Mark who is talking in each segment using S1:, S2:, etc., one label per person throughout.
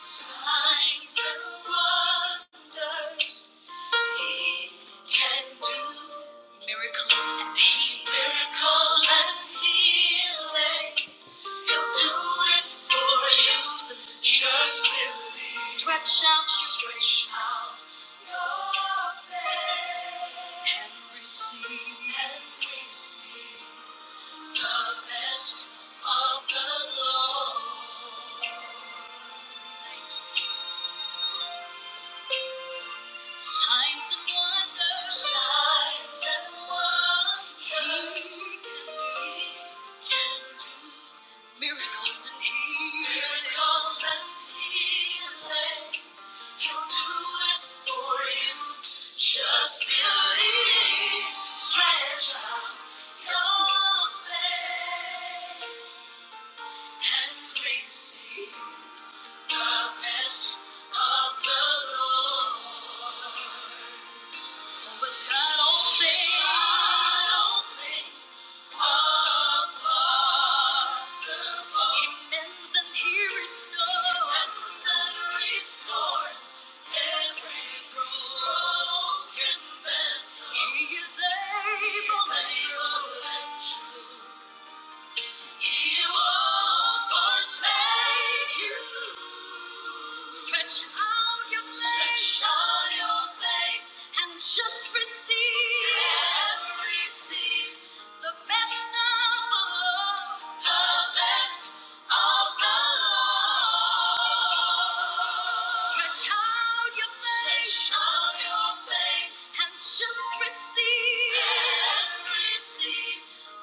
S1: Signs and wonders he can do. Miracles and healing. Miracles and healing. He'll do it for you. Just believe. Stretch out your Stretch out your faith. And receive. And receive the best of the Lord. Signs and wonders. Signs and wonders. He can be, can do miracles and healing. Miracles and healing. He'll do it for you. Just believe. Stretch out your faith and receive the best of the Lord. He is able and true. He won't forsake you. Stretch out your faith. Stretch out your faith. And just receive. And receive. The best of all. The best of the Lord. Stretch out your faith. And just receive.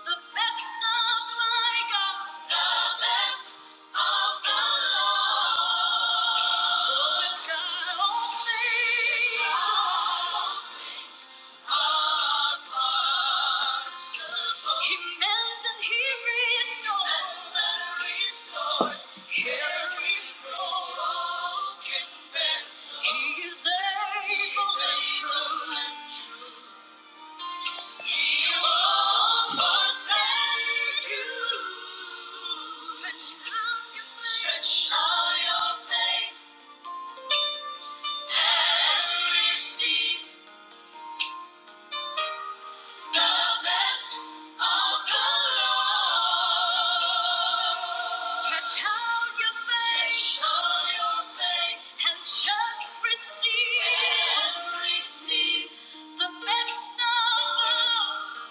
S1: The best of my God. The best of the Lord. So God all things. All things. He mends and he restores. Every broken vessel. He is able and true. He won't forsake you. Stretch out your faith. Stretch out your faith and receive. The best of the Lord. Stretch out your faith. And just receive. The best of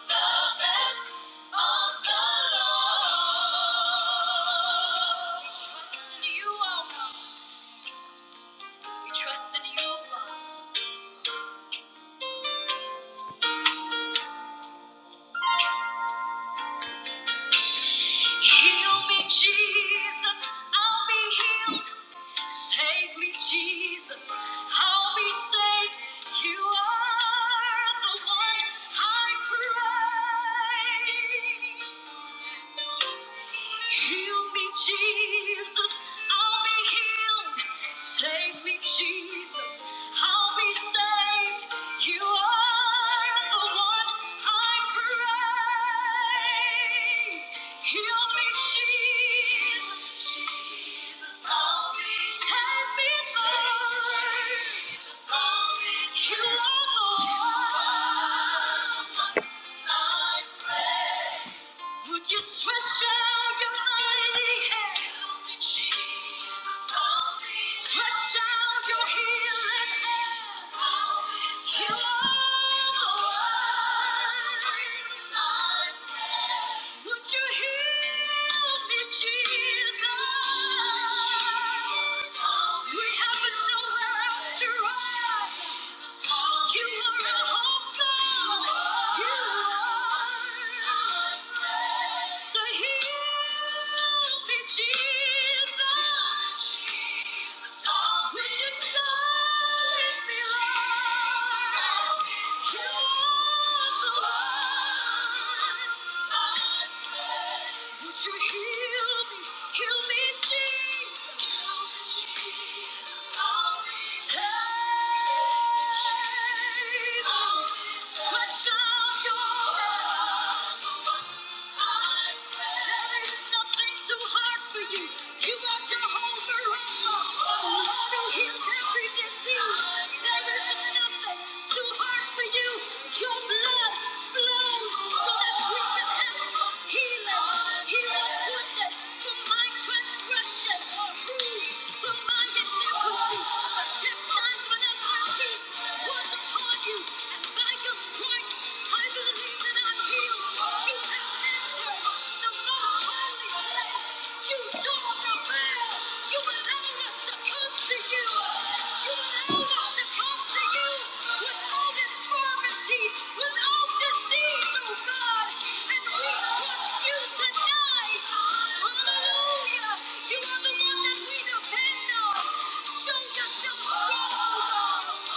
S1: the best of the Lord. We trust in you, our We trust in you, God. Heal me, Jesus. I'll be healed. Save me, Jesus. I'll be saved. You are the one I pray. Heal me, Jesus. I'll be healed. Save me, Jesus. I'll be saved. You are the one. I praise. Would you stretch out your mighty hand? Help me, Jesus, help me. Stretch out your healing hand. Help me, Jesus. You the one. You are the one. Would you heal me, Jesus? We have nowhere else to run. You are a hope, God. You are. So heal me, Jesus. Would you save me, Lord? You are the one. Would you heal me? Heal me, Jesus. Heal me, Jesus. Always Save me, Stretch out your arms. There is nothing too hard for you. You are Jehovah Rapha. The Lord who heals every disease. There is nothing too hard for you. Your blood flows so that we can have healing. Healing goodness for my transgression. for my iniquity. The chastisement of my peace was upon you. And by your stripes I believe that I'm healed. You have entered the most holy place. You saw the man. You allowed us to come to you. You allowed us to come to you with all infirmity, with all disease, oh God. And we trust you tonight. Hallelujah. You are the one that we depend on. Show yourself strong, oh God.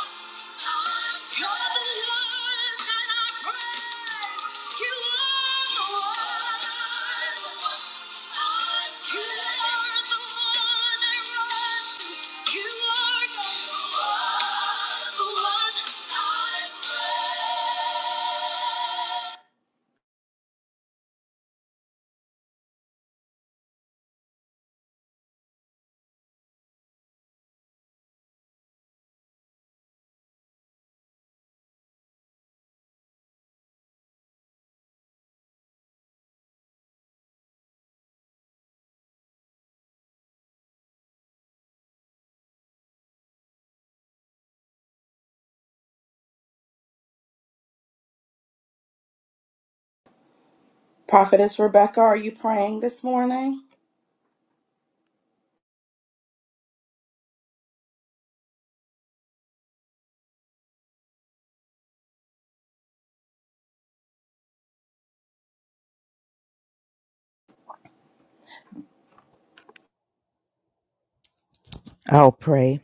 S1: Prophetess Rebecca, are you praying this morning?
S2: I'll pray.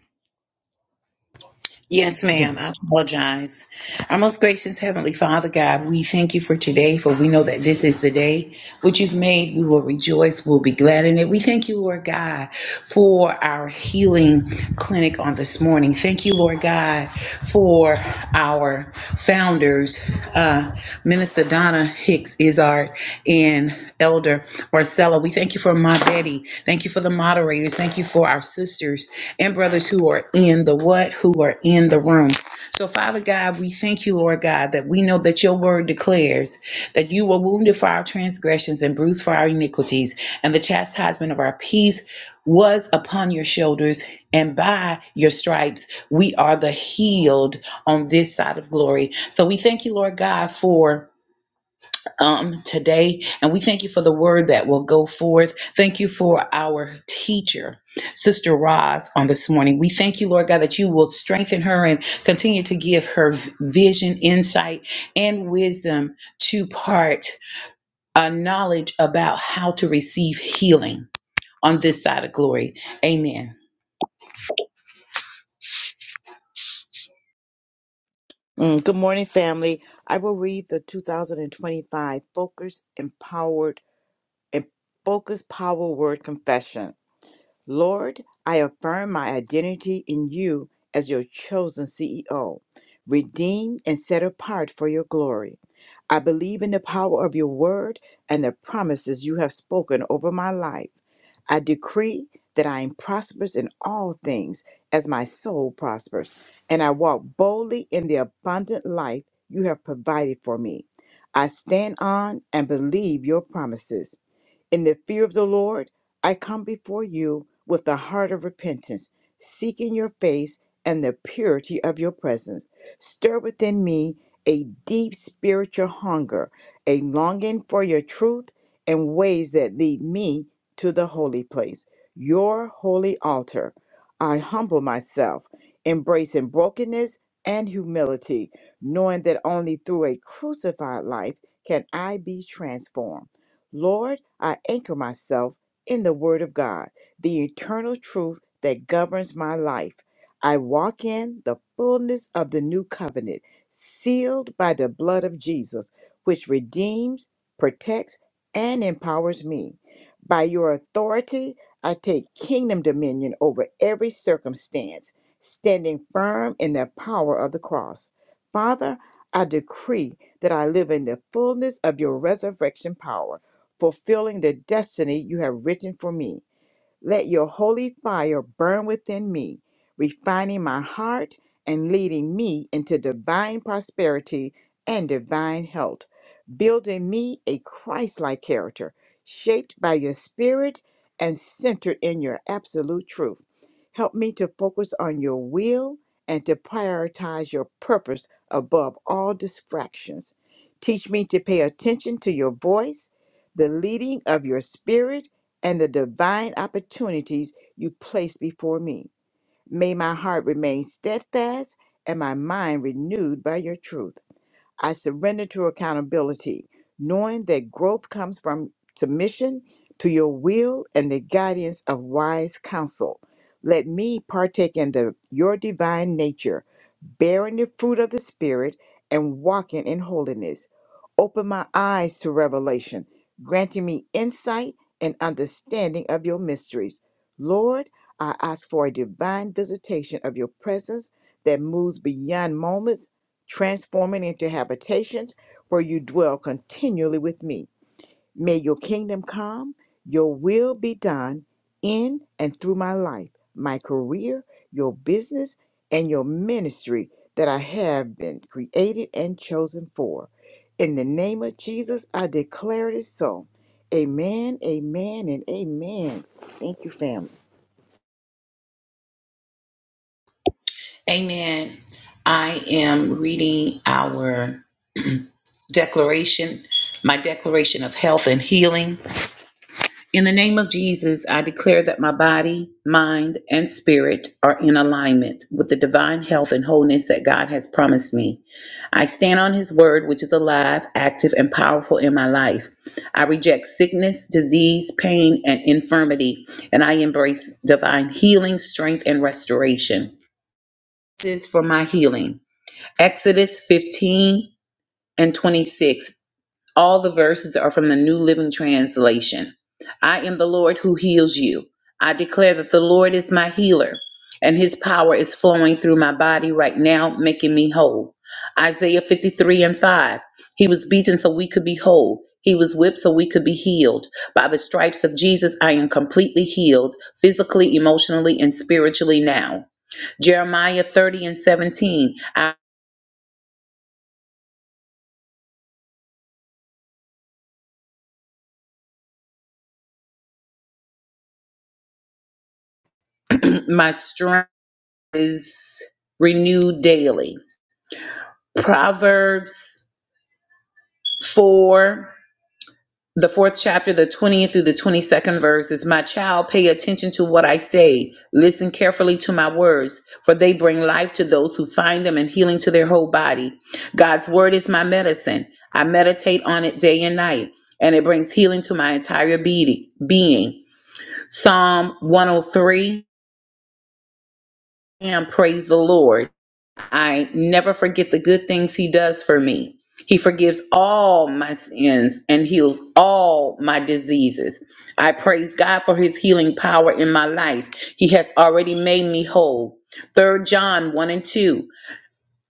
S3: Yes,
S2: Okay.
S3: ma'am. I apologize. Our most gracious Heavenly Father, God, we thank you for today, for we know that this is the day which you've made. We will rejoice. We'll be glad in it. We thank you, Lord God, for our healing clinic on this morning. Thank you, Lord God for our founders. Uh, Minister Donna Hicks is our and Elder Marcella. We thank you for my Betty. Thank you for the moderators. Thank you for our sisters and brothers who are in the what, who are in the room. So, Father God, we thank you, Lord God, that we know that your word declares that you were wounded for our transgressions and bruised for our iniquities, and the chastisement of our peace was upon your shoulders, and by your stripes, we are the healed on this side of glory. So we thank you, Lord God, for um, today, and we thank you for the word that will go forth. Thank you for our teacher, Sister Roz, on this morning. We thank you, Lord God, that you will strengthen her and continue to give her v- vision, insight, and wisdom to part uh, knowledge about how to receive healing on this side of glory. Amen.
S4: Mm, good morning, family. I will read the 2025 Focus Empowered and Focus Power Word Confession. Lord, I affirm my identity in you as your chosen CEO, redeemed and set apart for your glory. I believe in the power of your word and the promises you have spoken over my life. I decree that I am prosperous in all things as my soul prospers, and I walk boldly in the abundant life you have provided for me. I stand on and believe your promises. In the fear of the Lord, I come before you with a heart of repentance, seeking your face and the purity of your presence. Stir within me a deep spiritual hunger, a longing for your truth and ways that lead me to the holy place, your holy altar. I humble myself, embracing brokenness and humility, knowing that only through a crucified life can I be transformed. Lord, I anchor myself in the Word of God, the eternal truth that governs my life. I walk in the fullness of the new covenant, sealed by the blood of Jesus, which redeems, protects, and empowers me. By your authority, I take kingdom dominion over every circumstance, standing firm in the power of the cross. Father, I decree that I live in the fullness of your resurrection power fulfilling the destiny you have written for me. Let your holy fire burn within me, refining my heart and leading me into divine prosperity and divine health, building me a Christ like character, shaped by your spirit and centered in your absolute truth. Help me to focus on your will and to prioritize your purpose above all distractions. Teach me to pay attention to your voice, the leading of your spirit and the divine opportunities you place before me. May my heart remain steadfast and my mind renewed by your truth. I surrender to accountability, knowing that growth comes from submission to your will and the guidance of wise counsel. Let me partake in the, your divine nature, bearing the fruit of the Spirit and walking in holiness. Open my eyes to revelation, granting me insight and understanding of your mysteries. Lord, I ask for a divine visitation of your presence that moves beyond moments transforming into habitations where you dwell continually with me. May your kingdom come, your will be done in and through my life, my career, your business, and your ministry that I have been created and chosen for. In the name of Jesus, I declare it is so. Amen, amen, and amen. Thank you, family.
S3: Amen. I am reading our declaration, my declaration of health and healing. In the name of Jesus, I declare that my body, mind, and spirit are in alignment with the divine health and wholeness that God has promised me. I stand on His word, which is alive, active, and powerful in my life. I reject sickness, disease, pain, and infirmity, and I embrace divine healing, strength, and restoration. This is for my healing. Exodus 15 and 26 all the verses are from the New Living Translation. I am the Lord who heals you. I declare that the Lord is my healer, and his power is flowing through my body right now, making me whole. Isaiah 53 and 5. He was beaten so we could be whole. He was whipped so we could be healed. By the stripes of Jesus, I am completely healed, physically, emotionally, and spiritually now. Jeremiah 30 and 17. I, my strength is renewed daily. Proverbs 4, the fourth chapter, the 20th through the 22nd verse is My child, pay attention to what I say. Listen carefully to my words, for they bring life to those who find them and healing to their whole body. God's word is my medicine. I meditate on it day and night, and it brings healing to my entire be- being. Psalm 103 and praise the Lord. I never forget the good things he does for me. He forgives all my sins and heals all my diseases. I praise God for his healing power in my life. He has already made me whole. Third John 1 and 2.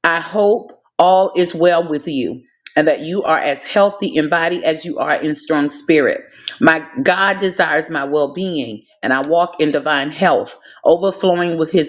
S3: I hope all is well with you and that you are as healthy in body as you are in strong spirit. My God desires my well being and I walk in divine health, overflowing with his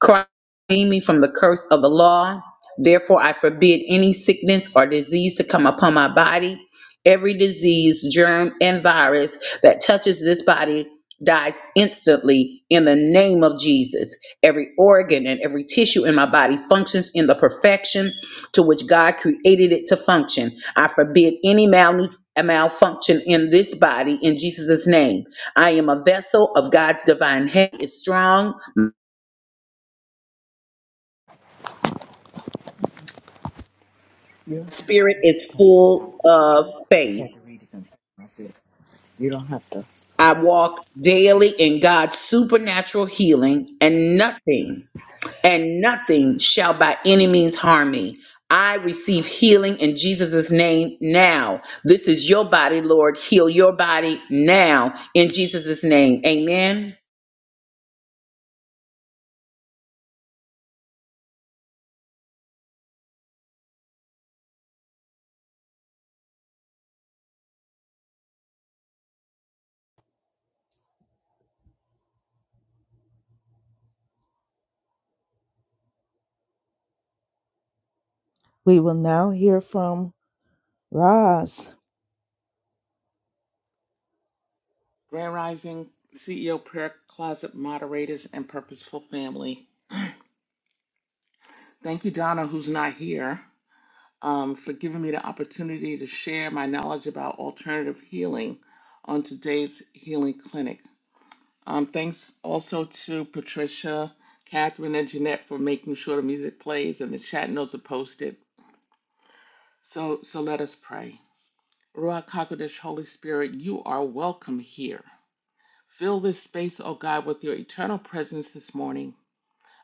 S3: Christ redeemed me from the curse of the law. Therefore, I forbid any sickness or disease to come upon my body. Every disease, germ, and virus that touches this body dies instantly in the name of Jesus. Every organ and every tissue in my body functions in the perfection to which God created it to function. I forbid any malnu- malfunction in this body in Jesus' name. I am a vessel of God's divine hand is strong spirit is full of faith. I walk daily in God's supernatural healing, and nothing, and nothing shall by any means harm me. I receive healing in Jesus' name now. This is your body, Lord. Heal your body now in Jesus' name. Amen.
S2: We will now hear from Roz.
S5: Grand Rising CEO Prayer Closet moderators and Purposeful Family. Thank you, Donna, who's not here, um, for giving me the opportunity to share my knowledge about alternative healing on today's healing clinic. Um, thanks also to Patricia, Catherine, and Jeanette for making sure the music plays and the chat notes are posted. So, so let us pray. Ruach Hakodesh, Holy Spirit, you are welcome here. Fill this space, O God, with your eternal presence this morning.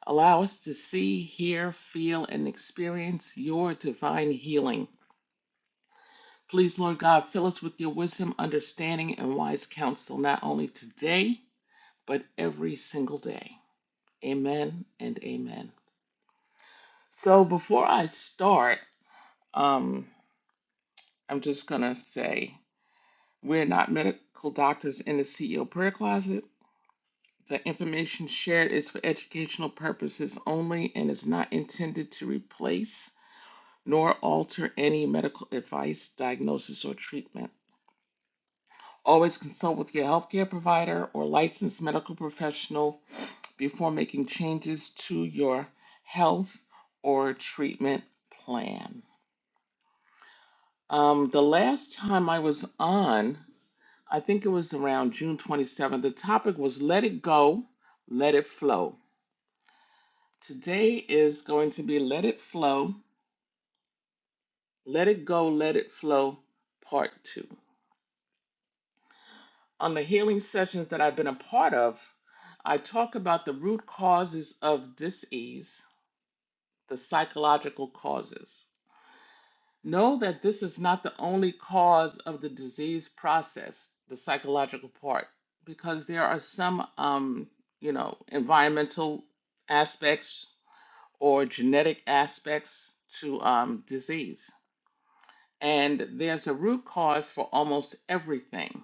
S5: Allow us to see, hear, feel, and experience your divine healing. Please, Lord God, fill us with your wisdom, understanding, and wise counsel, not only today, but every single day. Amen and amen. So, before I start, um, I'm just going to say we're not medical doctors in the CEO prayer closet. The information shared is for educational purposes only and is not intended to replace nor alter any medical advice, diagnosis, or treatment. Always consult with your healthcare provider or licensed medical professional before making changes to your health or treatment plan. Um, the last time I was on, I think it was around June 27th, the topic was Let It Go, Let It Flow. Today is going to be Let It Flow, Let It Go, Let It Flow, Part 2. on the healing sessions that I've been a part of, I talk about the root causes of disease, the psychological causes. Know that this is not the only cause of the disease process, the psychological part, because there are some, um, you know, environmental aspects or genetic aspects to um, disease. And there's a root cause for almost everything.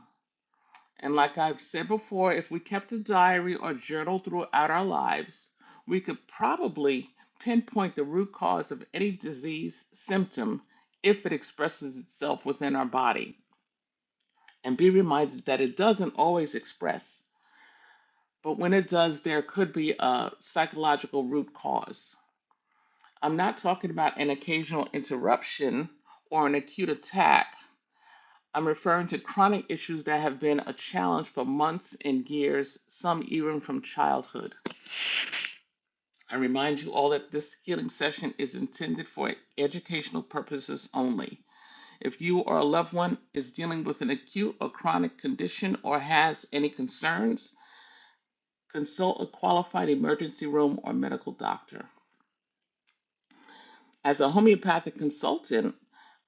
S5: And like I've said before, if we kept a diary or journal throughout our lives, we could probably pinpoint the root cause of any disease symptom if it expresses itself within our body and be reminded that it doesn't always express. But when it does, there could be a psychological root cause. I'm not talking about an occasional interruption or an acute attack. I'm referring to chronic issues that have been a challenge for months and years, some even from childhood. I remind you all that this healing session is intended for educational purposes only. If you or a loved one is dealing with an acute or chronic condition or has any concerns, consult a qualified emergency room or medical doctor. As a homeopathic consultant,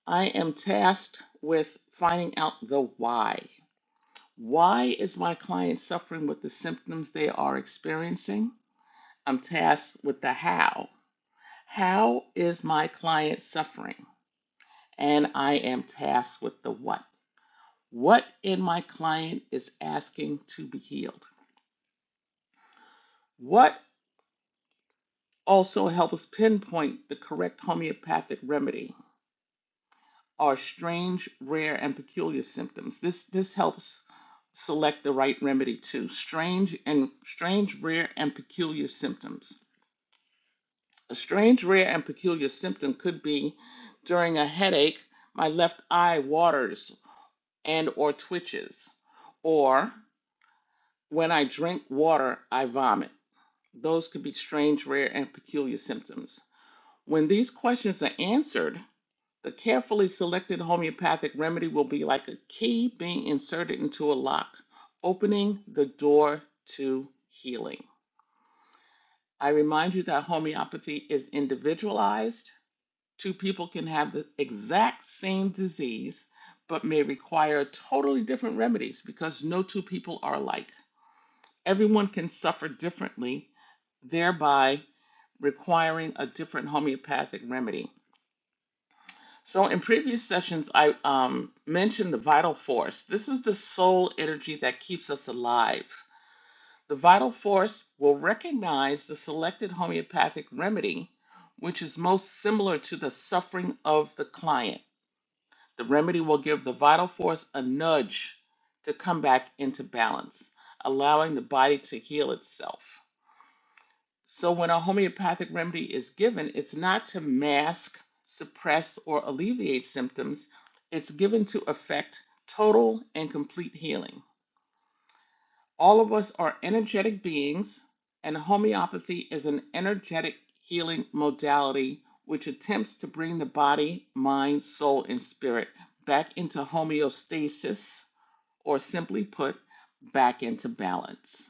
S5: I am tasked with finding out the why. Why is my client suffering with the symptoms they are experiencing? I'm tasked with the how. How is my client suffering? And I am tasked with the what. What in my client is asking to be healed? What also helps pinpoint the correct homeopathic remedy are strange, rare, and peculiar symptoms. This this helps select the right remedy too. Strange and strange, rare, and peculiar symptoms. A strange, rare, and peculiar symptom could be during a headache, my left eye waters and or twitches, or when I drink water, I vomit. Those could be strange, rare, and peculiar symptoms. When these questions are answered, the carefully selected homeopathic remedy will be like a key being inserted into a lock, opening the door to healing. I remind you that homeopathy is individualized Two people can have the exact same disease, but may require totally different remedies because no two people are alike. Everyone can suffer differently, thereby requiring a different homeopathic remedy. So, in previous sessions, I um, mentioned the vital force. This is the soul energy that keeps us alive. The vital force will recognize the selected homeopathic remedy, which is most similar to the suffering of the client The remedy will give the vital force a nudge to come back into balance, allowing the body to heal itself. So, when a homeopathic remedy is given, it's not to mask, suppress, or alleviate symptoms, it's given to effect total and complete healing. All of us are energetic beings, and homeopathy is an energetic healing modality which attempts to bring the body, mind, soul, and spirit back into homeostasis, or simply put, back into balance.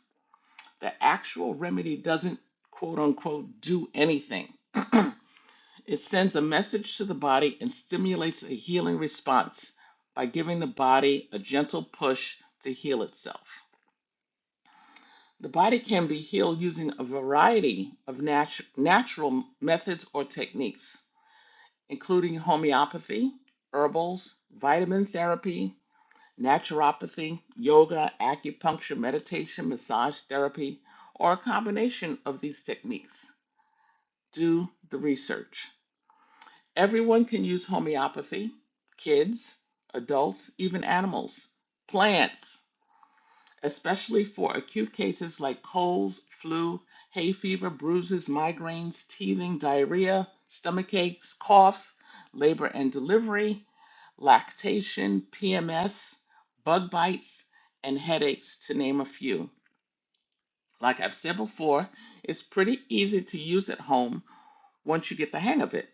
S5: The actual remedy doesn't quote unquote do anything, it sends a message to the body and stimulates a healing response by giving the body a gentle push to heal itself. The body can be healed using a variety of natu- natural methods or techniques, including homeopathy, herbals, vitamin therapy, naturopathy, yoga, acupuncture, meditation, massage therapy, or a combination of these techniques. Do the research. Everyone can use homeopathy kids, adults, even animals, plants. especially for acute cases like colds, flu, hay fever, bruises, migraines, teething, diarrhea, stomach aches, coughs, labor and delivery, lactation, PMS, bug bites, and headaches, to name a few. Like I've said before, it's pretty easy to use at home once you get the hang of it.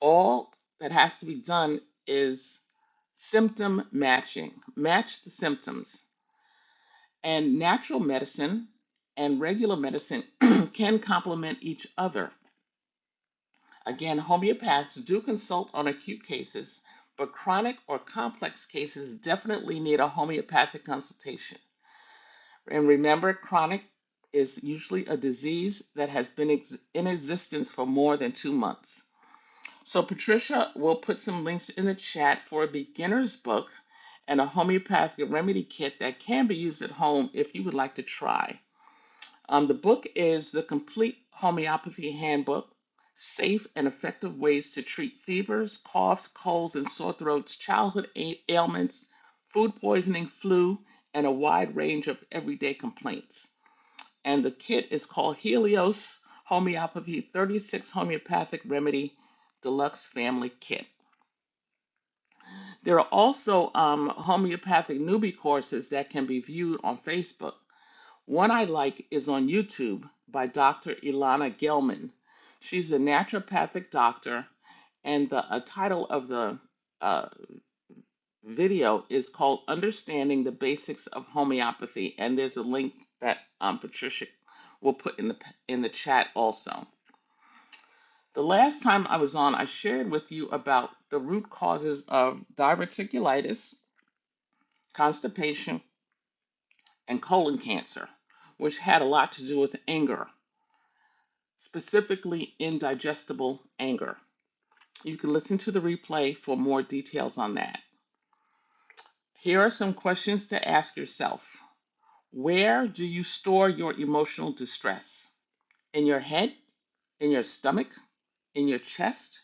S5: All that has to be done is symptom matching. Match the symptoms And natural medicine and regular medicine can complement each other. Again, homeopaths do consult on acute cases, but chronic or complex cases definitely need a homeopathic consultation. And remember, chronic is usually a disease that has been ex- in existence for more than two months. So, Patricia will put some links in the chat for a beginner's book and a homeopathic remedy kit that can be used at home if you would like to try. Um, the book is The Complete Homeopathy Handbook Safe and Effective Ways to Treat Fevers, Coughs, Colds, and Sore Throats, Childhood Ailments, Food Poisoning, Flu, and a wide range of everyday complaints. And the kit is called Helios Homeopathy 36 Homeopathic Remedy Deluxe Family Kit. There are also um, homeopathic newbie courses that can be viewed on Facebook. One I like is on YouTube by Dr. Ilana Gelman. She's a naturopathic doctor, and the a title of the uh, video is called Understanding the Basics of Homeopathy. And there's a link that um, Patricia will put in the, in the chat also. The last time I was on, I shared with you about the root causes of diverticulitis, constipation, and colon cancer, which had a lot to do with anger. specifically indigestible anger. You can listen to the replay for more details on that. Here are some questions to ask yourself Where do you store your emotional distress? In your head? In your stomach? In your chest?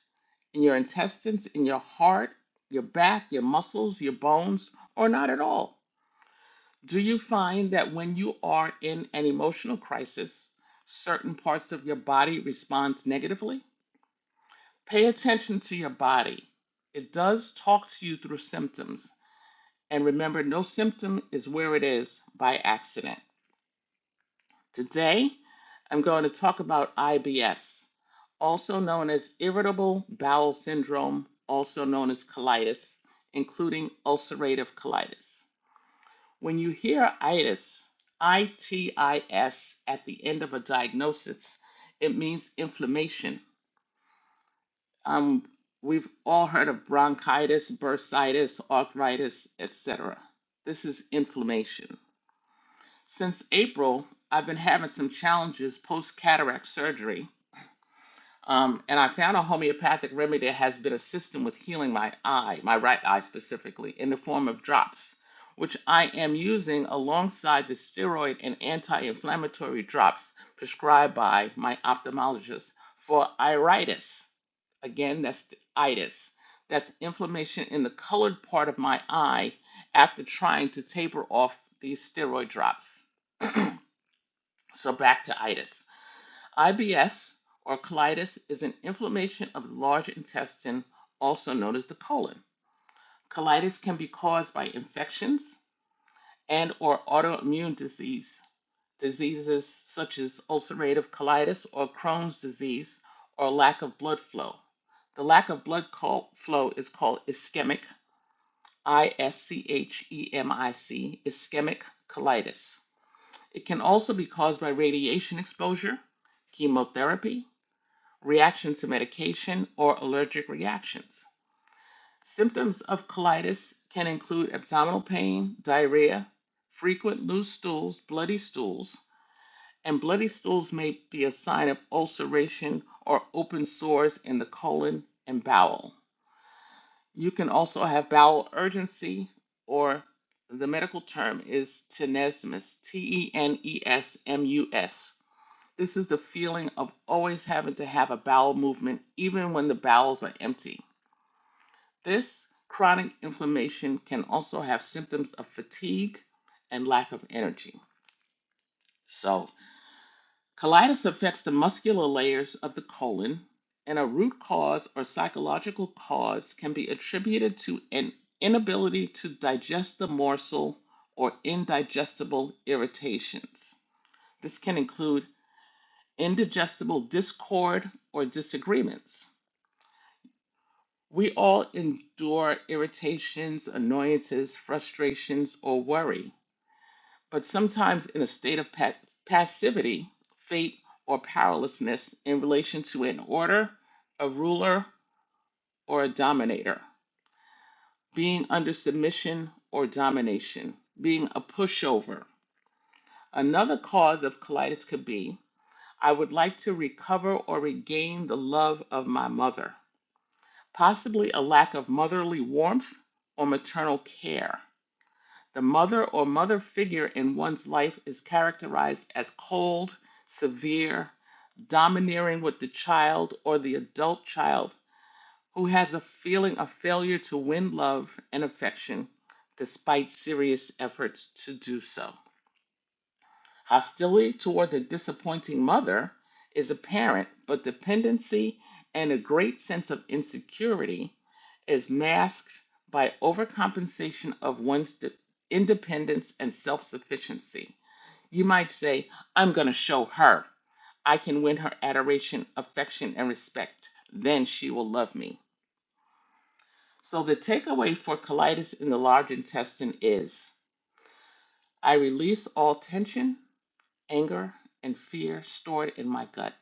S5: In your intestines? In your heart? Your back? Your muscles? Your bones? Or not at all? Do you find that when you are in an emotional crisis, certain parts of your body respond negatively? Pay attention to your body. It does talk to you through symptoms. And remember, no symptom is where it is by accident. Today, I'm going to talk about IBS, also known as irritable bowel syndrome, also known as colitis, including ulcerative colitis. When you hear itis, I T I S, at the end of a diagnosis, it means inflammation Um, we've all heard of bronchitis, bursitis, arthritis, etc. This is inflammation. Since April, I've been having some challenges post cataract surgery um, and I found a homeopathic remedy that has been assisting with healing my eye, my right eye specifically, in the form of drops, which I am using alongside the steroid and anti inflammatory drops prescribed by my ophthalmologist for iritis. Again, that's the itis. That's inflammation in the colored part of my eye after trying to taper off these steroid drops. So back to itis. IBS or colitis is an inflammation of the large intestine, also known as the colon. Colitis can be caused by infections and or autoimmune disease. Diseases such as ulcerative colitis or Crohn's disease or lack of blood flow. The lack of blood flow is called ischemic, I S C H E M I C, ischemic colitis. It can also be caused by radiation exposure, chemotherapy, reactions to medication, or allergic reactions. Symptoms of colitis can include abdominal pain, diarrhea, frequent loose stools, bloody stools, and bloody stools may be a sign of ulceration or open sores in the colon and bowel. You can also have bowel urgency, or the medical term is tenesmus, T E N E S M U S this is the feeling of always having to have a bowel movement, even when the bowels are empty. This chronic inflammation can also have symptoms of fatigue and lack of energy. So, colitis affects the muscular layers of the colon, and a root cause or psychological cause can be attributed to an inability to digest the morsel or indigestible irritations. This can include indigestible discord or disagreements. We all endure irritations, annoyances, frustrations, or worry, but sometimes in a state of pa- passivity, fate, or powerlessness in relation to an order, a ruler, or a dominator, being under submission or domination, being a pushover. Another cause of colitis could be I would like to recover or regain the love of my mother. possibly a lack of motherly warmth or maternal care. The mother or mother figure in one's life is characterized as cold, severe, domineering with the child or the adult child who has a feeling of failure to win love and affection despite serious efforts to do so. Hostility toward the disappointing mother is apparent, but dependency and a great sense of insecurity is masked by overcompensation of one's de- independence and self sufficiency. You might say, I'm going to show her. I can win her adoration, affection, and respect. Then she will love me. So, the takeaway for colitis in the large intestine is I release all tension Anger and fear stored in my gut.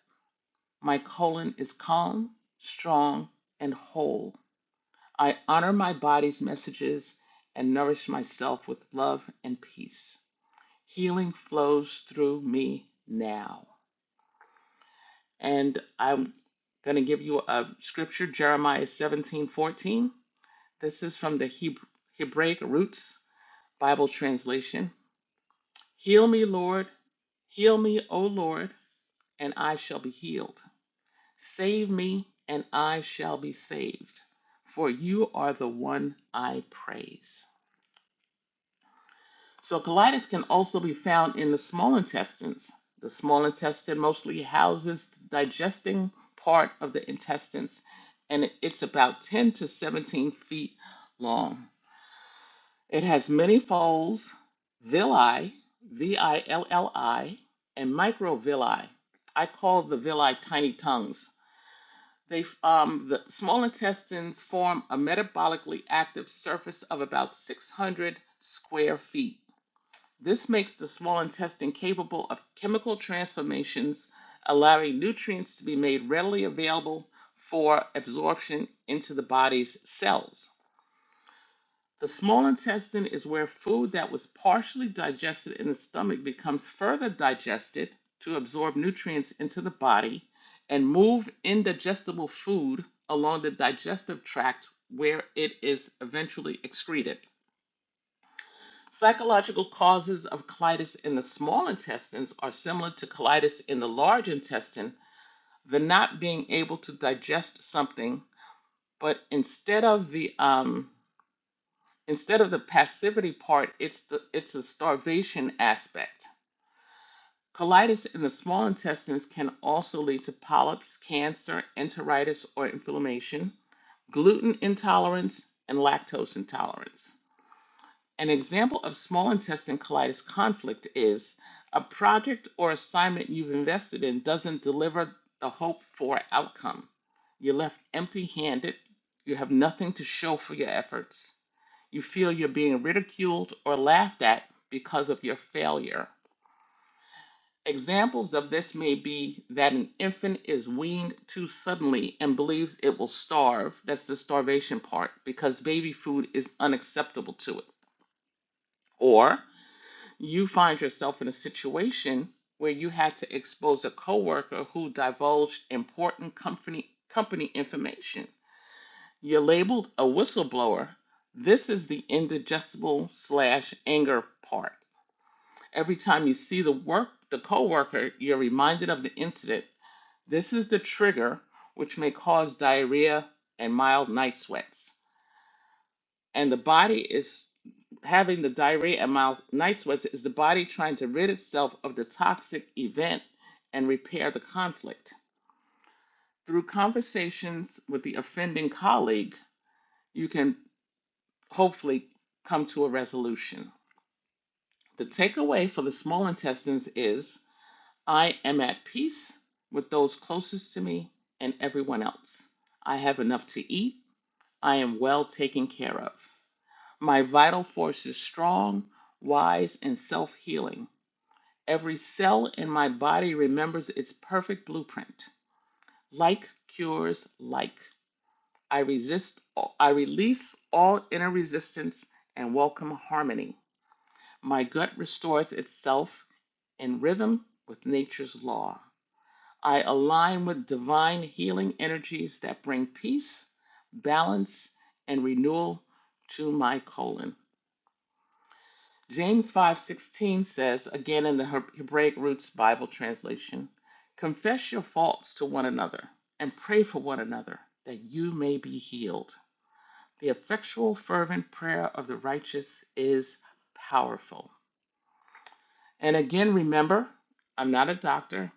S5: My colon is calm, strong, and whole. I honor my body's messages and nourish myself with love and peace. Healing flows through me now. And I'm going to give you a scripture, Jeremiah 17:14. This is from the Hebrew, Hebraic Roots Bible translation. Heal me, Lord. Heal me, O Lord, and I shall be healed. Save me, and I shall be saved, for you are the one I praise. So, colitis can also be found in the small intestines. The small intestine mostly houses the digesting part of the intestines, and it's about 10 to 17 feet long. It has many folds, villi, V I L L I, and microvilli. I call the villi tiny tongues They um, the small intestines form a metabolically active surface of about 600 square feet. This makes the small intestine capable of chemical transformations, allowing nutrients to be made readily available for absorption into the body's cells. The small intestine is where food that was partially digested in the stomach becomes further digested to absorb nutrients into the body and move indigestible food along the digestive tract where it is eventually excreted. Psychological causes of colitis in the small intestines are similar to colitis in the large intestine, the not being able to digest something, but instead of the um, instead of the passivity part, it's the it's a starvation aspect. Colitis in the small intestines can also lead to polyps, cancer, enteritis, or inflammation, gluten intolerance, and lactose intolerance. An example of small intestine colitis conflict is a project or assignment you've invested in doesn't deliver the hoped for outcome. You're left empty handed, you have nothing to show for your efforts, you feel you're being ridiculed or laughed at because of your failure. Examples of this may be that an infant is weaned too suddenly and believes it will starve. That's the starvation part, because baby food is unacceptable to it. Or you find yourself in a situation where you had to expose a coworker who divulged important company company information. You're labeled a whistleblower. This is the indigestible slash anger part Every time you see the work the coworker, you're reminded of the incident. This is the trigger which may cause diarrhea and mild night sweats. And the body is having the diarrhea and mild night sweats is the body trying to rid itself of the toxic event and repair the conflict. Through conversations with the offending colleague, you can hopefully come to a resolution. The takeaway for the small intestines is I am at peace with those closest to me and everyone else. I have enough to eat. I am well taken care of. My vital force is strong, wise, and self healing. Every cell in my body remembers its perfect blueprint. Like cures like. I resist I release all inner resistance and welcome harmony. My gut restores itself in rhythm with nature's law. I align with divine healing energies that bring peace, balance, and renewal to my colon. James 5:16 says, again in the Hebraic Roots Bible translation, confess your faults to one another and pray for one another that you may be healed. The effectual fervent prayer of the righteous is powerful. And again remember, I'm not a doctor.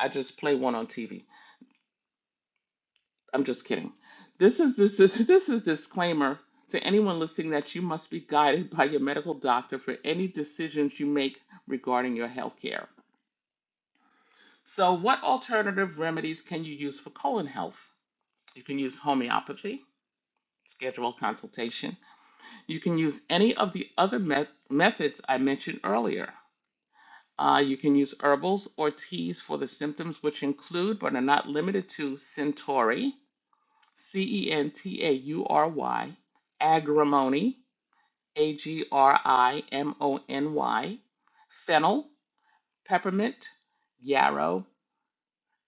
S5: I just play one on TV. I'm just kidding. This is this is this is disclaimer to anyone listening that you must be guided by your medical doctor for any decisions you make regarding your health care. So, what alternative remedies can you use for colon health? You can use homeopathy, schedule a consultation. You can use any of the other met- methods I mentioned earlier. Uh, you can use herbals or teas for the symptoms, which include but are not limited to centauri, C E N T A U R Y, agrimony, A G R I M O N Y, fennel, peppermint, yarrow,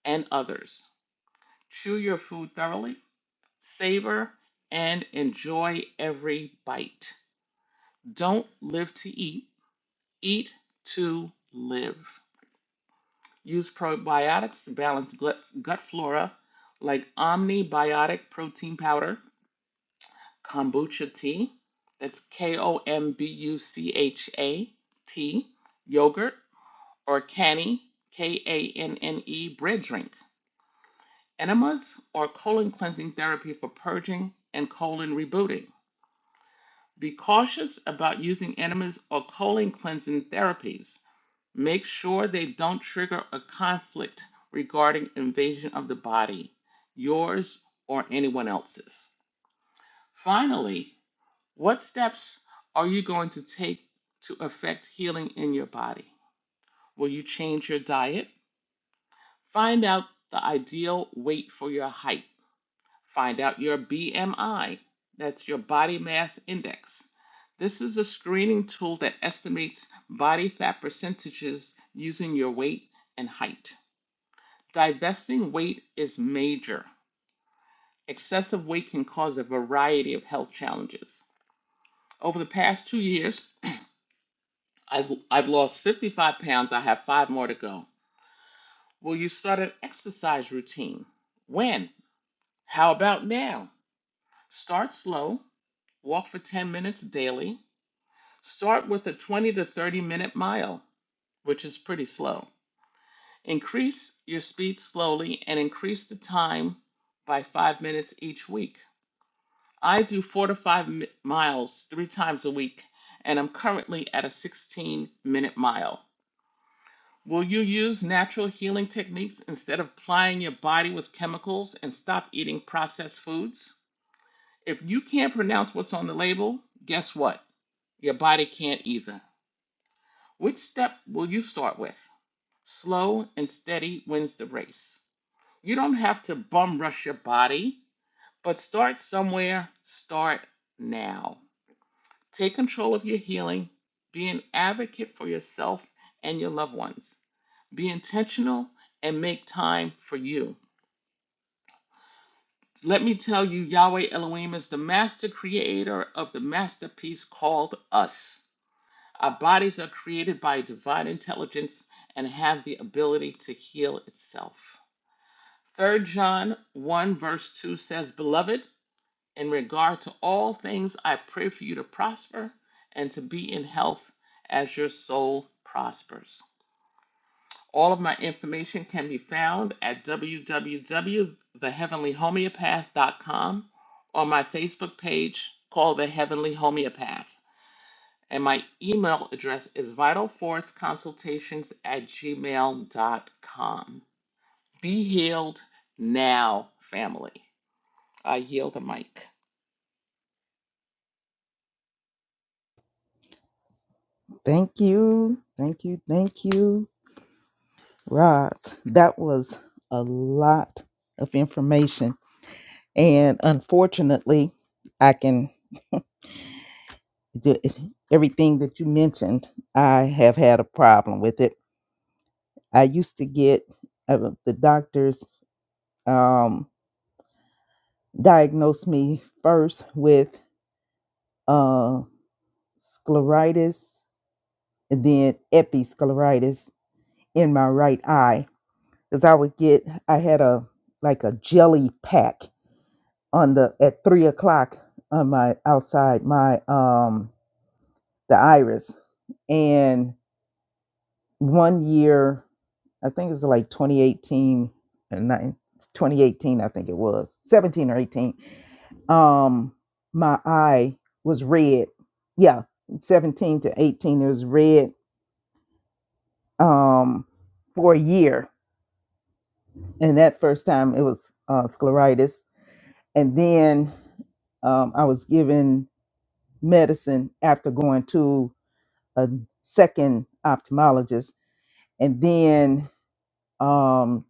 S5: and others. Chew your food thoroughly, savor, and enjoy every bite. Don't live to eat, eat to live. Use probiotics to balance gut, gut flora like Omnibiotic Protein Powder kombucha tea. That's K O M B U C H A T, yogurt, or canny, K A N N E, bread drink. Enemas or colon cleansing therapy for purging and colon rebooting. Be cautious about using enemas or colon cleansing therapies. Make sure they don't trigger a conflict regarding invasion of the body, yours or anyone else's. Finally, What steps are you going to take to affect healing in your body? Will you change your diet? Find out the ideal weight for your height. Find out your BMI, that's your body mass index. This is a screening tool that estimates body fat percentages using your weight and height. Divesting weight is major. Excessive weight can cause a variety of health challenges. Over the past two years, I've I've lost 55 pounds. I have five more to go. Will you start an exercise routine? When? How about now? Start slow. Walk for 10 minutes daily. Start with a 20 to 30 minute mile, which is pretty slow. Increase your speed slowly and increase the time by five minutes each week. I do four to five mi- miles three times a week, and I'm currently at a 16 minute mile. Will you use natural healing techniques instead of plying your body with chemicals and stop eating processed foods? If you can't pronounce what's on the label, guess what? Your body can't either. Which step will you start with? Slow and steady wins the race. You don't have to bum rush your body, but start somewhere. Start now. Take control of your healing. Be an advocate for yourself and your loved ones. Be intentional and make time for you. Let me tell you, Yahweh Elohim is the master creator of the masterpiece called us. Our bodies are created by divine intelligence and have the ability to heal itself. Third John 1, verse 2 says, Beloved, in regard to all things, I pray for you to prosper and to be in health as your soul prospers. All of my information can be found at www.theheavenlyhomeopath.com or my Facebook page called The Heavenly Homeopath. And my email address is vitalforceconsultations at gmail.com. Be healed now, family. I yield the mic.
S2: Thank you. Thank you. Thank you, Roz. That was a lot of information. And unfortunately, I can do everything that you mentioned. I have had a problem with it. I used to get uh, the doctors um, diagnosed me first with uh, scleritis and then episcleritis in my right eye because I would get I had a like a jelly pack on the at three o'clock on my outside my um the iris and one year I think it was like 2018 and nine twenty eighteen. I think it was 17 or 18 um my eye was red yeah 17 to 18 it was red um for a year and that first time it was uh, scleritis and then um, I was given medicine after going to a second ophthalmologist. And then um,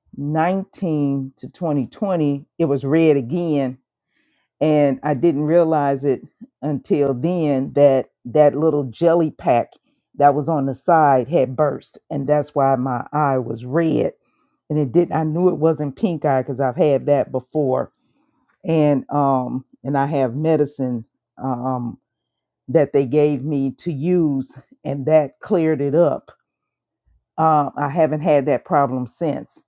S2: 2019 to 2020, it was red again. And I didn't realize it until then that that little jelly pack that was on the side had burst. And that's why my eye was red. And it didn't, I knew it wasn't pink eye because I've had that before and um and I have medicine um that they gave me to use and that cleared it up. Uh, I haven't had that problem since.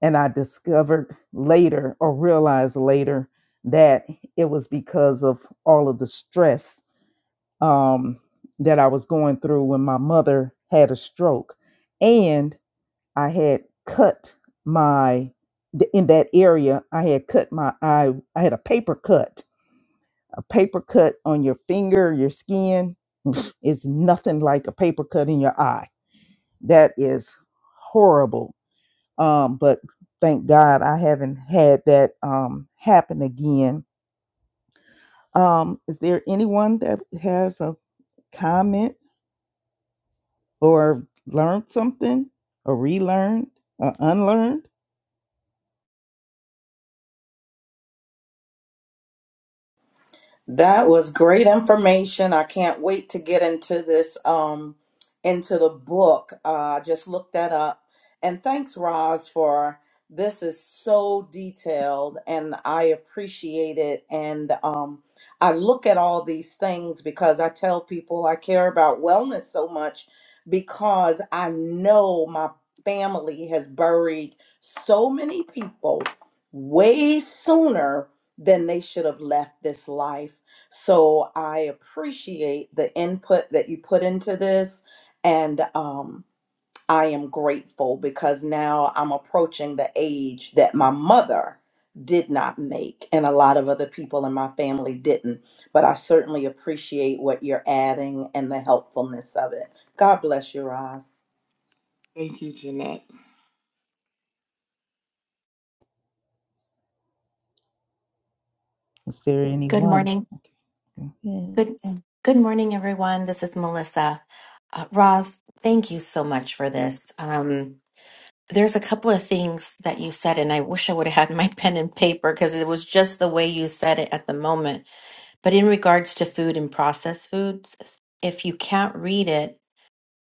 S2: And I discovered later or realized later that it was because of all of the stress um, that I was going through when my mother had a stroke. And I had cut my, th- in that area, I had cut my eye, I had a paper cut A paper cut on your finger, your skin is nothing like a paper cut in your eye. That is horrible. Um, but thank God I haven't had that um, happen again. Um, is there anyone that has a comment or learned something or relearned or unlearned?
S1: That was great information. I can't wait to get into this um into the book. Uh I just looked that up. And thanks Roz for this is so detailed and I appreciate it and um I look at all these things because I tell people I care about wellness so much because I know my family has buried so many people way sooner then they should have left this life. So I appreciate the input that you put into this. And um, I am grateful because now I'm approaching the age that my mother did not make, and a lot of other people in my family didn't. But I certainly appreciate what you're adding and the helpfulness of it. God bless you, Roz.
S5: Thank you, Jeanette.
S2: Is there
S6: Good
S2: anyone?
S6: morning.
S2: Amen.
S6: Good good morning, everyone. This is Melissa. Uh, Roz, thank you so much for this. Um, there's a couple of things that you said, and I wish I would have had my pen and paper because it was just the way you said it at the moment. But in regards to food and processed foods, if you can't read it,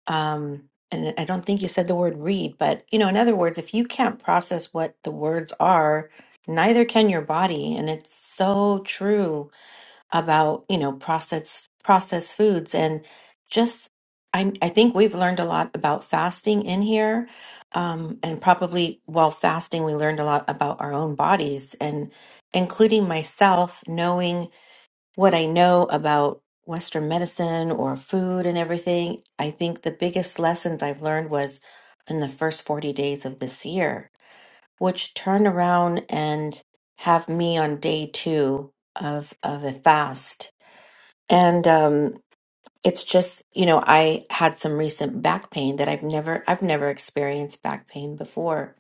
S6: um, and I don't think you said the word read, but you know, in other words, if you can't process what the words are, neither can your body, and it's so true about you know processed processed foods and just I I think we've learned a lot about fasting in here, um, and probably while fasting we learned a lot about our own bodies and including myself knowing what I know about Western medicine or food and everything. I think the biggest lessons I've learned was in the first forty days of this year, which turned around and have me on day two of of a fast and um, it's just, you know, I had some recent back pain that I've never, I've never experienced back pain before.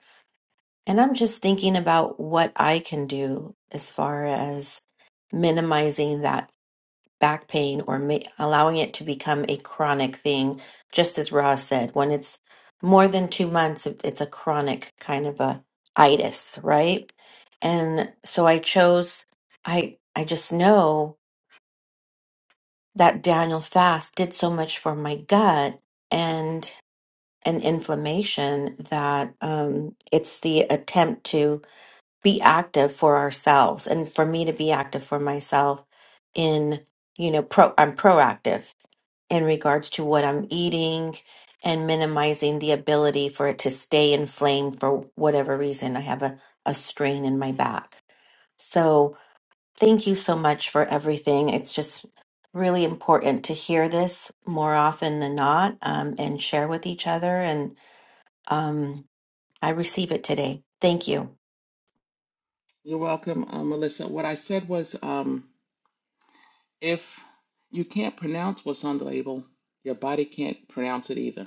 S6: And I'm just thinking about what I can do as far as minimizing that back pain or ma- allowing it to become a chronic thing. Just as Ross said, when it's more than two months, it- it's a chronic kind of a itis, right? And so I chose, I, I just know. that Daniel fast did so much for my gut and an inflammation that um, it's the attempt to be active for ourselves and for me to be active for myself in you know pro I'm proactive in regards to what I'm eating and minimizing the ability for it to stay inflamed for whatever reason I have a, a strain in my back. So Thank you so much for everything. It's just really important to hear this more often than not um, and share with each other. And um, I receive it today. Thank you.
S5: You're welcome, uh, Melissa. What I said was um, if you can't pronounce what's on the label, your body can't pronounce it either.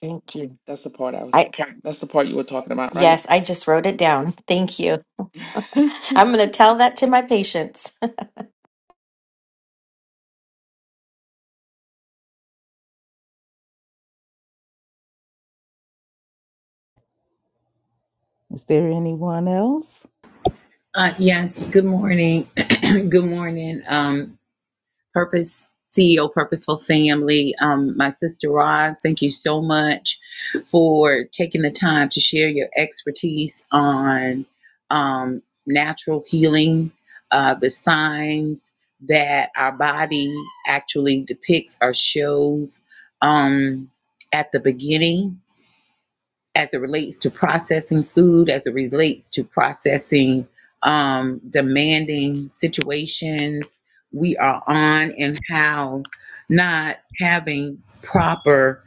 S6: Thank you.
S5: That's the part I
S6: I
S5: was,
S6: can.
S5: that's the part you were talking about, right?
S6: Yes, I just wrote it down. Thank you. I'm going to tell that to
S5: Okay.
S6: my patients.
S2: Is there anyone else?
S3: Uh, yes, good morning. good morning. Um. Purpose CEO Purposeful Family. Um, my sister Roz, thank you so much for taking the time to share your expertise on um, natural healing, uh, the signs that our body actually depicts or shows um, at the beginning as it relates to processing food, as it relates to processing um, demanding situations we are on, and how not having proper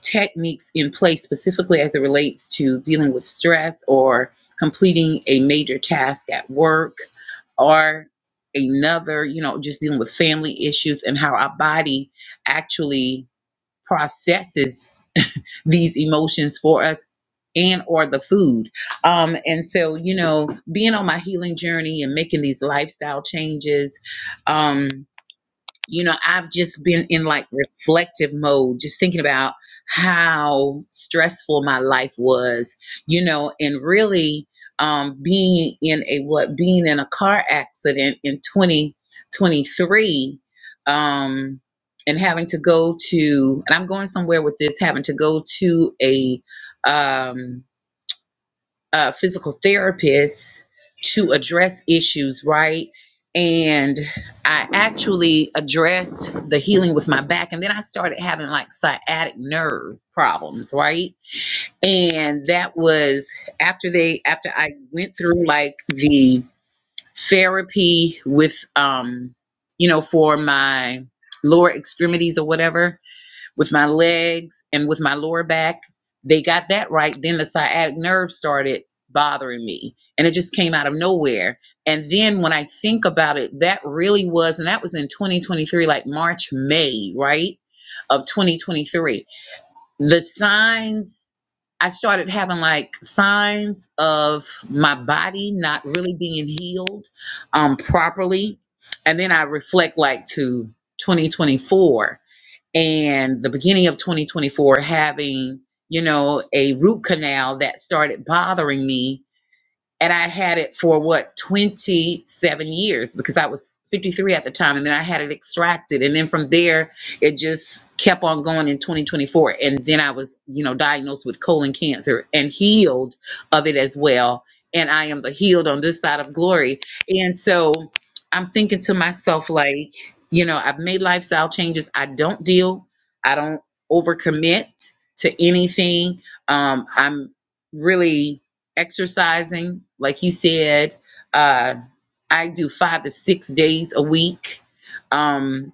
S3: techniques in place, specifically as it relates to dealing with stress or completing a major task at work or another, you know, just dealing with family issues, and how our body actually processes these emotions for us and or the food um and so you know being on my healing journey and making these lifestyle changes um you know, I've just been in like reflective mode, just thinking about how stressful my life was, you know, and really um, being in a what being in a car accident in 2023 um, and having to go to and I'm going somewhere with this, having to go to a um, uh, physical therapists to address issues, right? And I actually addressed the healing with my back, and then I started having like sciatic nerve problems, right? And that was after they after I went through like the therapy with um, you know, for my lower extremities or whatever with my legs and with my lower back. They got that right. Then the sciatic nerve started bothering me, and it just came out of nowhere. And then when I think about it, that really was, and that was in 2023, like March, May, right? Of 2023. The signs, I started having like signs of my body not really being healed um, properly. And then I reflect like to 2024 and the beginning of 2024 having you know a root canal that started bothering me and I had it for what 27 years because I was 53 at the time, and then I had it extracted, and then from there it just kept on going in 2024, and then I was you know diagnosed with colon cancer and healed of it as well, and I am the healed on this side of glory, and so I'm thinking to myself like you know I've made lifestyle changes, I don't deal, I don't overcommit to anything, um, I'm really exercising, like you said. Uh, I do five to six days a week. Um,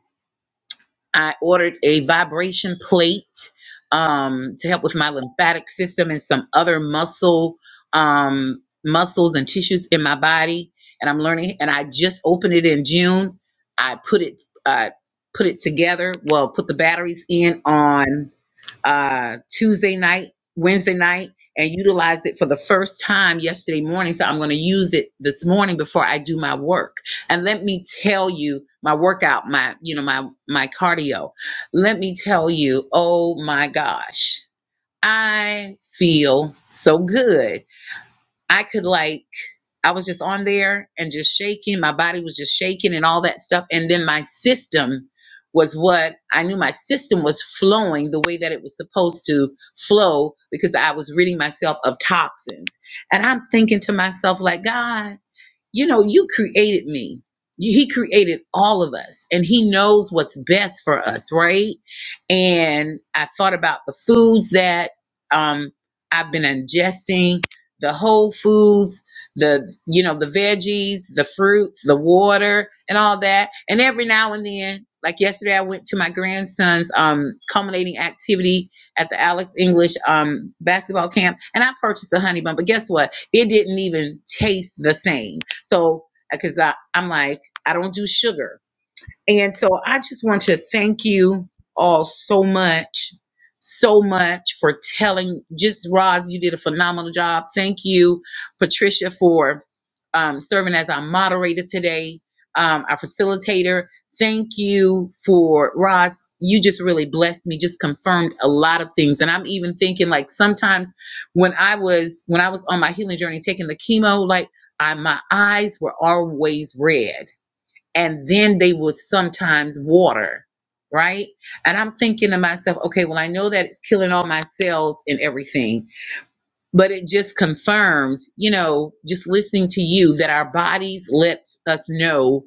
S3: I ordered a vibration plate um, to help with my lymphatic system and some other muscle um, muscles and tissues in my body. And I'm learning. And I just opened it in June. I put it I put it together. Well, put the batteries in on uh, Tuesday night, Wednesday night, and utilized it for the first time yesterday morning. So I'm going to use it this morning before I do my work. And let me tell you, my workout, my you know my my cardio. Let me tell you, oh my gosh, I feel so good. I could like I was just on there and just shaking. My body was just shaking and all that stuff. And then my system was what I knew my system was flowing the way that it was supposed to flow because I was ridding myself of toxins. And I'm thinking to myself, like, God, you know, you created me. He created all of us and he knows what's best for us, right? And I thought about the foods that um I've been ingesting, the whole foods, the you know, the veggies, the fruits, the water and all that. And every now and then, like yesterday I went to my grandson's um culminating activity at the Alex English um basketball camp and I purchased a honey bun, but guess what? It didn't even taste the same so, because I'm like, I don't do sugar. And so I just want to thank you all so much, so much for telling. Just Roz, you did a phenomenal job. Thank you, Patricia, for um, serving as our moderator today, um, our facilitator. Thank you for Roz. You just really blessed me, just confirmed a lot of things. And I'm even thinking like sometimes when I was when I was on my healing journey taking the chemo, like I my eyes were always red and then they would sometimes water, right? And I'm thinking to myself, okay, well, I know that it's killing all my cells and everything, but it just confirmed, you know, just listening to you that our bodies let us know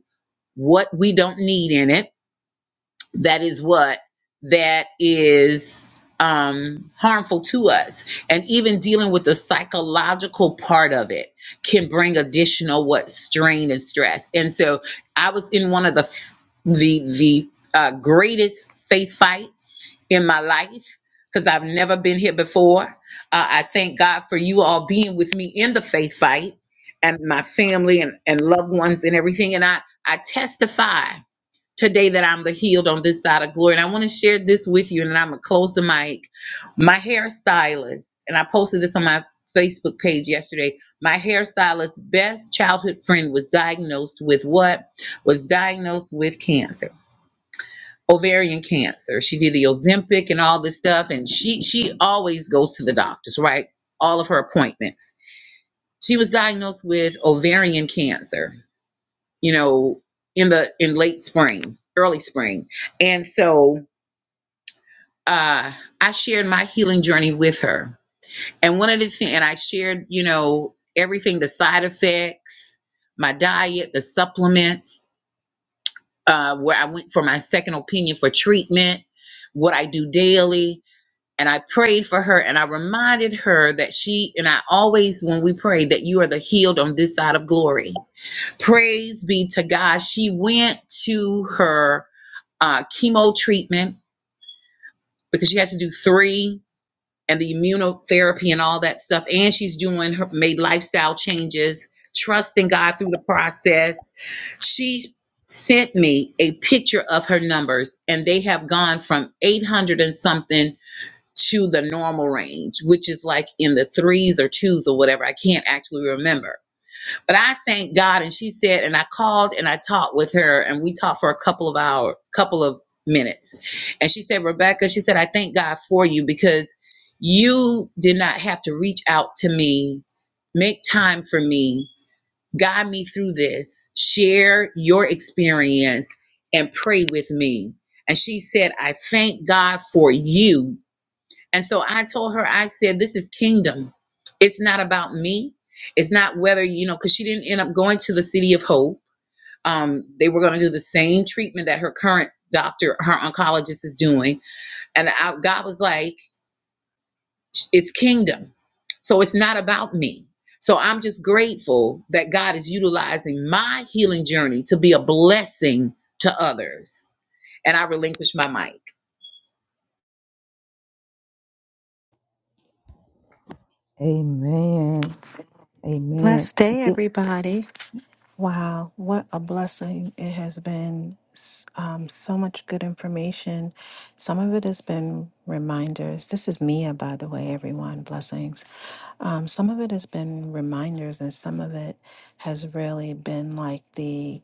S3: what we don't need in it that is what that is um, harmful to us and even dealing with the psychological part of it can bring additional what strain and stress and so i was in one of the f- the the uh, greatest faith fight in my life because i've never been here before uh, i thank god for you all being with me in the faith fight and my family and, and loved ones and everything and i i testify today that I'm the healed on this side of glory. And I want to share this with you, and then I'm gonna close the mic. My hairstylist, and I posted this on my Facebook page yesterday. My hairstylist's best childhood friend was diagnosed with what? Was diagnosed with cancer. Ovarian cancer. She did the Ozempic and all this stuff, and she she always goes to the doctors, right? All of her appointments. She was diagnosed with ovarian cancer you know, in the in late spring, early spring. And so uh I shared my healing journey with her. And one of the things and I shared, you know, everything, the side effects, my diet, the supplements, uh, where I went for my second opinion for treatment, what I do daily. And I prayed for her and I reminded her that she and I always, when we pray, that you are the healed on this side of glory. Praise be to God. She went to her uh, chemo treatment because she has to do three and the immunotherapy and all that stuff. And she's doing her made lifestyle changes, trusting God through the process. She sent me a picture of her numbers, and they have gone from 800 and something to the normal range, which is like in the threes or twos or whatever. I can't actually remember. But I thank God. And she said, and I called and I talked with her, and we talked for a couple of hour, couple of minutes. And she said, Rebecca, she said, I thank God for you because you did not have to reach out to me, make time for me, guide me through this, share your experience, and pray with me. And she said, I thank God for you and so I told her, I said, this is kingdom. It's not about me. It's not whether, you know, because she didn't end up going to the city of hope. Um, they were going to do the same treatment that her current doctor, her oncologist is doing. And I, God was like, it's kingdom. So it's not about me. So I'm just grateful that God is utilizing my healing journey to be a blessing to others. And I relinquish my mic.
S2: Amen.
S7: Blessed
S2: Amen.
S7: day, everybody. Wow, what a blessing it has been. S- Um, so much good information. Some of it has been reminders. This is Mia, by the way, everyone. Blessings. Um, some of it has been reminders, and some of it has really been like the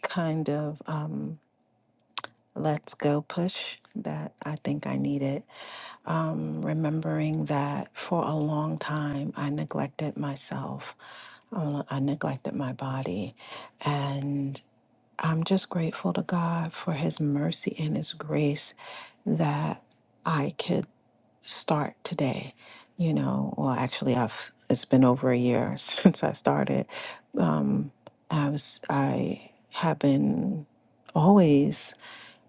S7: kind of um, let's go push that I think I needed. Um, remembering that for a long time I neglected myself uh, I neglected my body. And I'm just grateful to God for His mercy and His grace that I could start today. You know, well, actually, I've it's been over a year since I started. Um, I was I have been always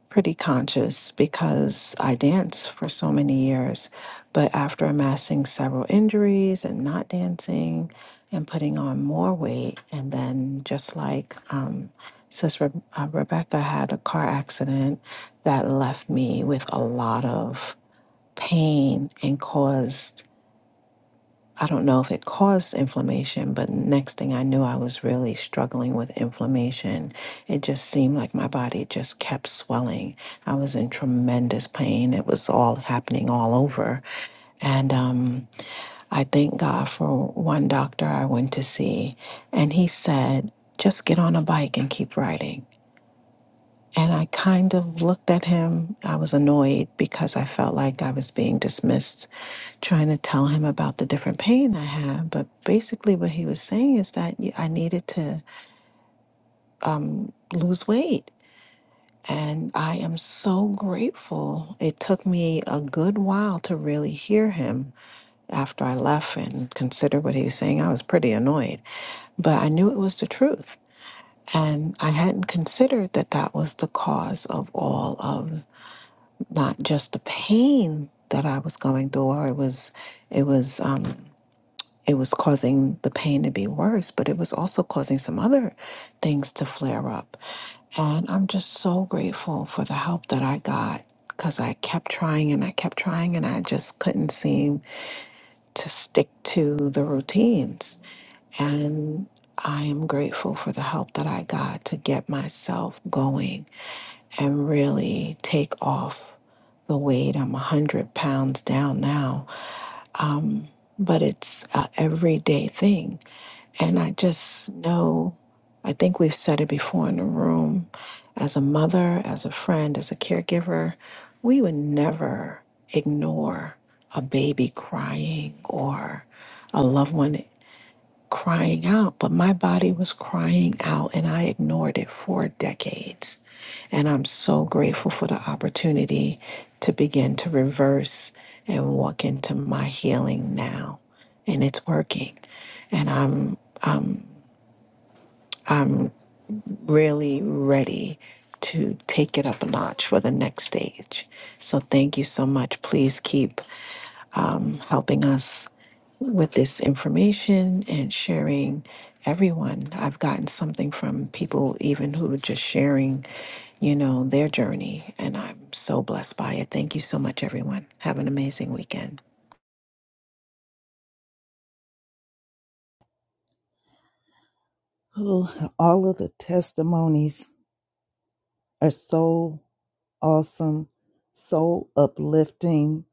S7: pretty conscious because I danced for so many years. But after amassing several injuries and not dancing and putting on more weight, and then just like um, Sis Re- uh, Rebecca had a car accident that left me with a lot of pain and caused I don't know if it caused inflammation, but next thing I knew, I was really struggling with inflammation. It just seemed like my body just kept swelling. I was in tremendous pain. It was all happening all over. And um, I thank God for one doctor I went to see, and he said, just get on a bike and keep riding. And I kind of looked at him. I was annoyed because I felt like I was being dismissed trying to tell him about the different pain I had. But basically, what he was saying is that y- I needed to um, lose weight. And I am so grateful. It took me a good while to really hear him after I left and considered what he was saying. I was pretty annoyed, but I knew it was the truth. And I hadn't considered that that was the cause of all of not just the pain that I was going through, or it was, it was um, It was causing the pain to be worse, but it was also causing some other things to flare up. And I'm just so grateful for the help that I got because I kept trying and I kept trying and I just couldn't seem to stick to the routines. And I am grateful for the help that I got to get myself going and really take off the weight. I'm 100 pounds down now. Um, but it's a everyday thing. And I just know, I think we've said it before in the room as a mother, as a friend, as a caregiver, we would never ignore a baby crying or a loved one crying out. But my body was crying out and I ignored it for decades. And I'm so grateful for the opportunity to begin to reverse and walk into my healing now. And it's working. And I'm really ready to take it up a notch for the next stage. So thank you so much. Please keep um, helping us with this information and sharing everyone. I've gotten something from people even who are just sharing, you know, their journey and I'm so blessed by it. Thank you so much everyone. Have an amazing weekend.
S2: Oh, all of the testimonies are so awesome, so uplifting.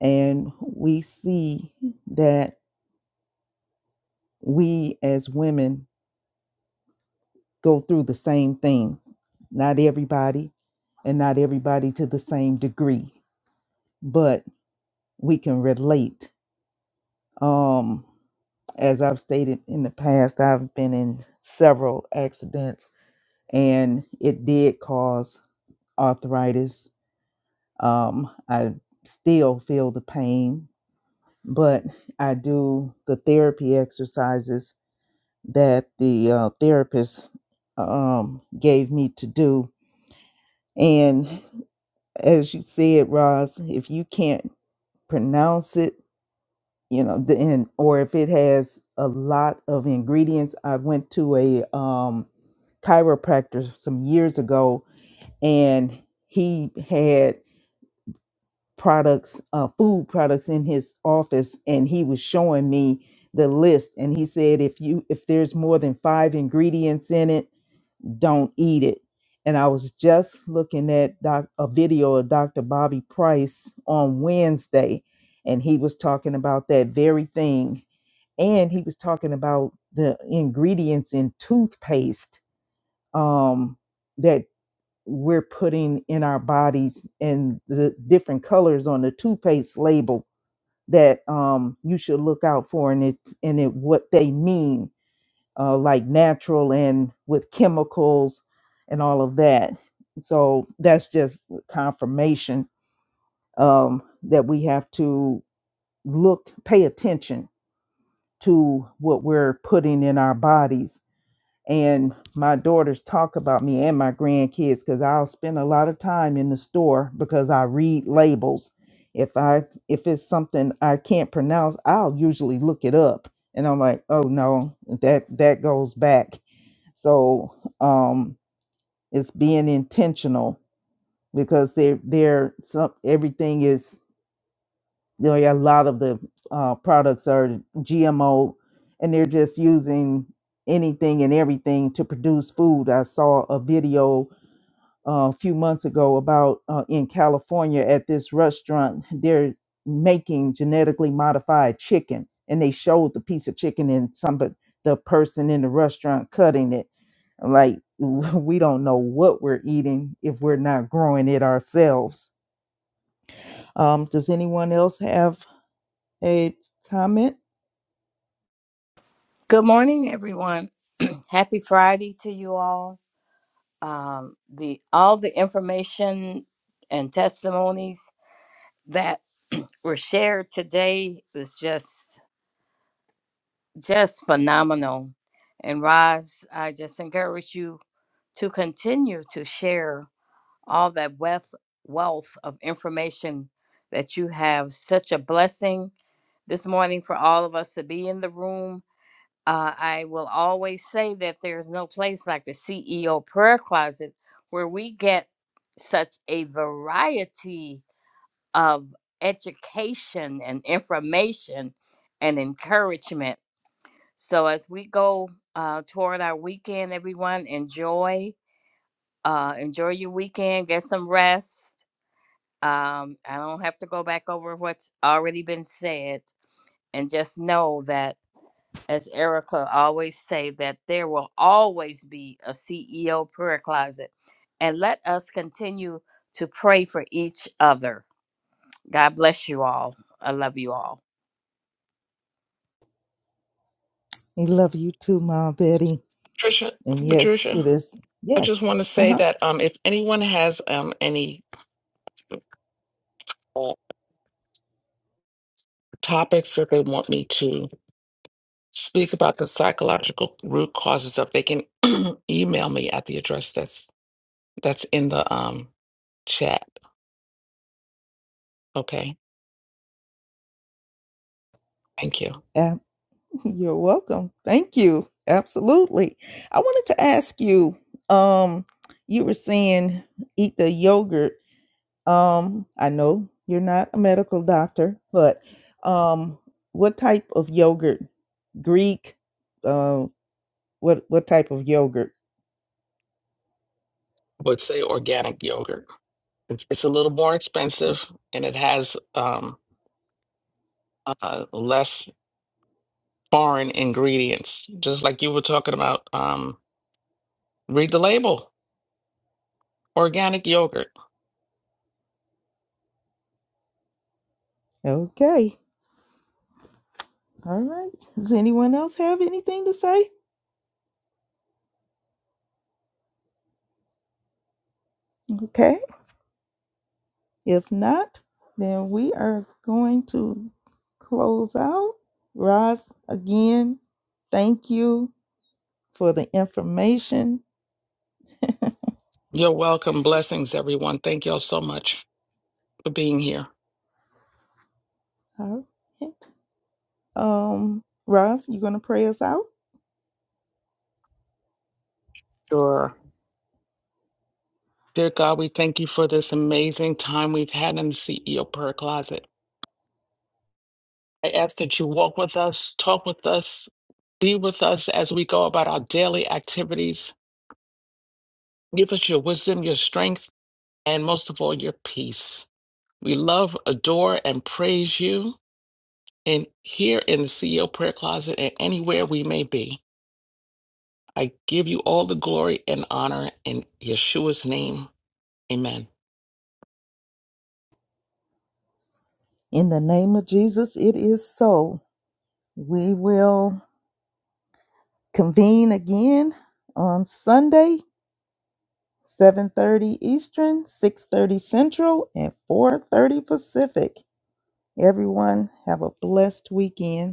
S2: And we see that we as women go through the same things. Not everybody, and not everybody to the same degree, but we can relate. Um, as I've stated in the past, I've been in several accidents, and it did cause arthritis Um, I still feel the pain, but I do the therapy exercises that the uh, therapist um, gave me to do. And as you said, Roz, if you can't pronounce it, you know, the- and or if it has a lot of ingredients, I went to a um, chiropractor some years ago, and he had products, uh, food products in his office, and he was showing me the list. And he said, if you if there's more than five ingredients in it, don't eat it. And I was just looking at doc, a video of Dr. Bobby Price on Wednesday, and he was talking about that very thing. And he was talking about the ingredients in toothpaste um, that we're putting in our bodies and the different colors on the toothpaste label that um, you should look out for and it and it what they mean uh, like natural and with chemicals and all of that so that's just confirmation um, that we have to look pay attention to what we're putting in our bodies and my daughters talk about me and my grandkids because I'll spend a lot of time in the store because I read labels. If I if it's something I can't pronounce, I'll usually look it up, and I'm like, oh no, that that goes back. So um, it's being intentional because they're they're some everything is you know, yeah, a lot of the uh, products are GMO, and they're just using anything and everything to produce food. I saw a video uh, a few months ago about uh, in California at this restaurant, they're making genetically modified chicken, and they showed the piece of chicken and somebody, the person in the restaurant cutting it. I'm Like we don't know what we're eating if we're not growing it ourselves. Um, does anyone else have a comment?
S8: Good morning, everyone. Happy Friday to you all. Um, the all the information and testimonies that were shared today was just just phenomenal. And Roz, I just encourage you to continue to share all that wealth wealth of information that you have. Such a blessing this morning for all of us to be in the room Uh, I will always say that there's no place like the CEO prayer closet where we get such a variety of education and information and encouragement. So as we go uh, toward our weekend, everyone enjoy uh, enjoy your weekend, get some rest. Um, I don't have to go back over what's already been said, and just know that. as Erica always say, that there will always be a CEO prayer closet. And let us continue to pray for each other. God bless you all. I love you all.
S2: I love you too, Mom Betty.
S5: Patricia,
S2: And yes, it
S5: Patricia,
S2: is.
S5: I just
S2: Yes.
S5: want to
S2: Uh
S5: say
S2: huh.
S5: that um, if anyone has um, any uh, topics that they want me to speak about the psychological root causes of, they can email me at the address that's that's in the um, chat. Okay, thank you.
S2: Ab- you're welcome. Thank you. Absolutely. I wanted to ask you. Um, you were saying eat the yogurt. Um, I know you're not a medical doctor, but um, what type of yogurt? Greek? Uh, what what type of yogurt?
S5: But say organic yogurt. It's, it's a little more expensive, and it has um, uh, less. foreign ingredients, just like you were talking about. Um, read the label, organic yogurt.
S2: Okay. All right. Does anyone else have anything to say? Okay. If not, then we are going to close out. Roz, again, thank you for the information.
S5: You're welcome. Blessings, everyone. Thank y'all so much for being here.
S2: All right. Um, Roz, you gonna pray us out?
S5: Sure. Dear God, we thank you for this amazing time we've had in the CEO prayer closet. I ask that you walk with us, talk with us, be with us as we go about our daily activities. Give us your wisdom, your strength, and most of all, your peace. We love, adore, and praise you in here in the CEO prayer closet and anywhere we may be. I give you all the glory and honor in Yeshua's name. Amen.
S2: In the name of Jesus, it is so. We will convene again on Sunday, 7:30 Eastern, 6:30 Central, and 4:30 Pacific. Everyone have a blessed weekend.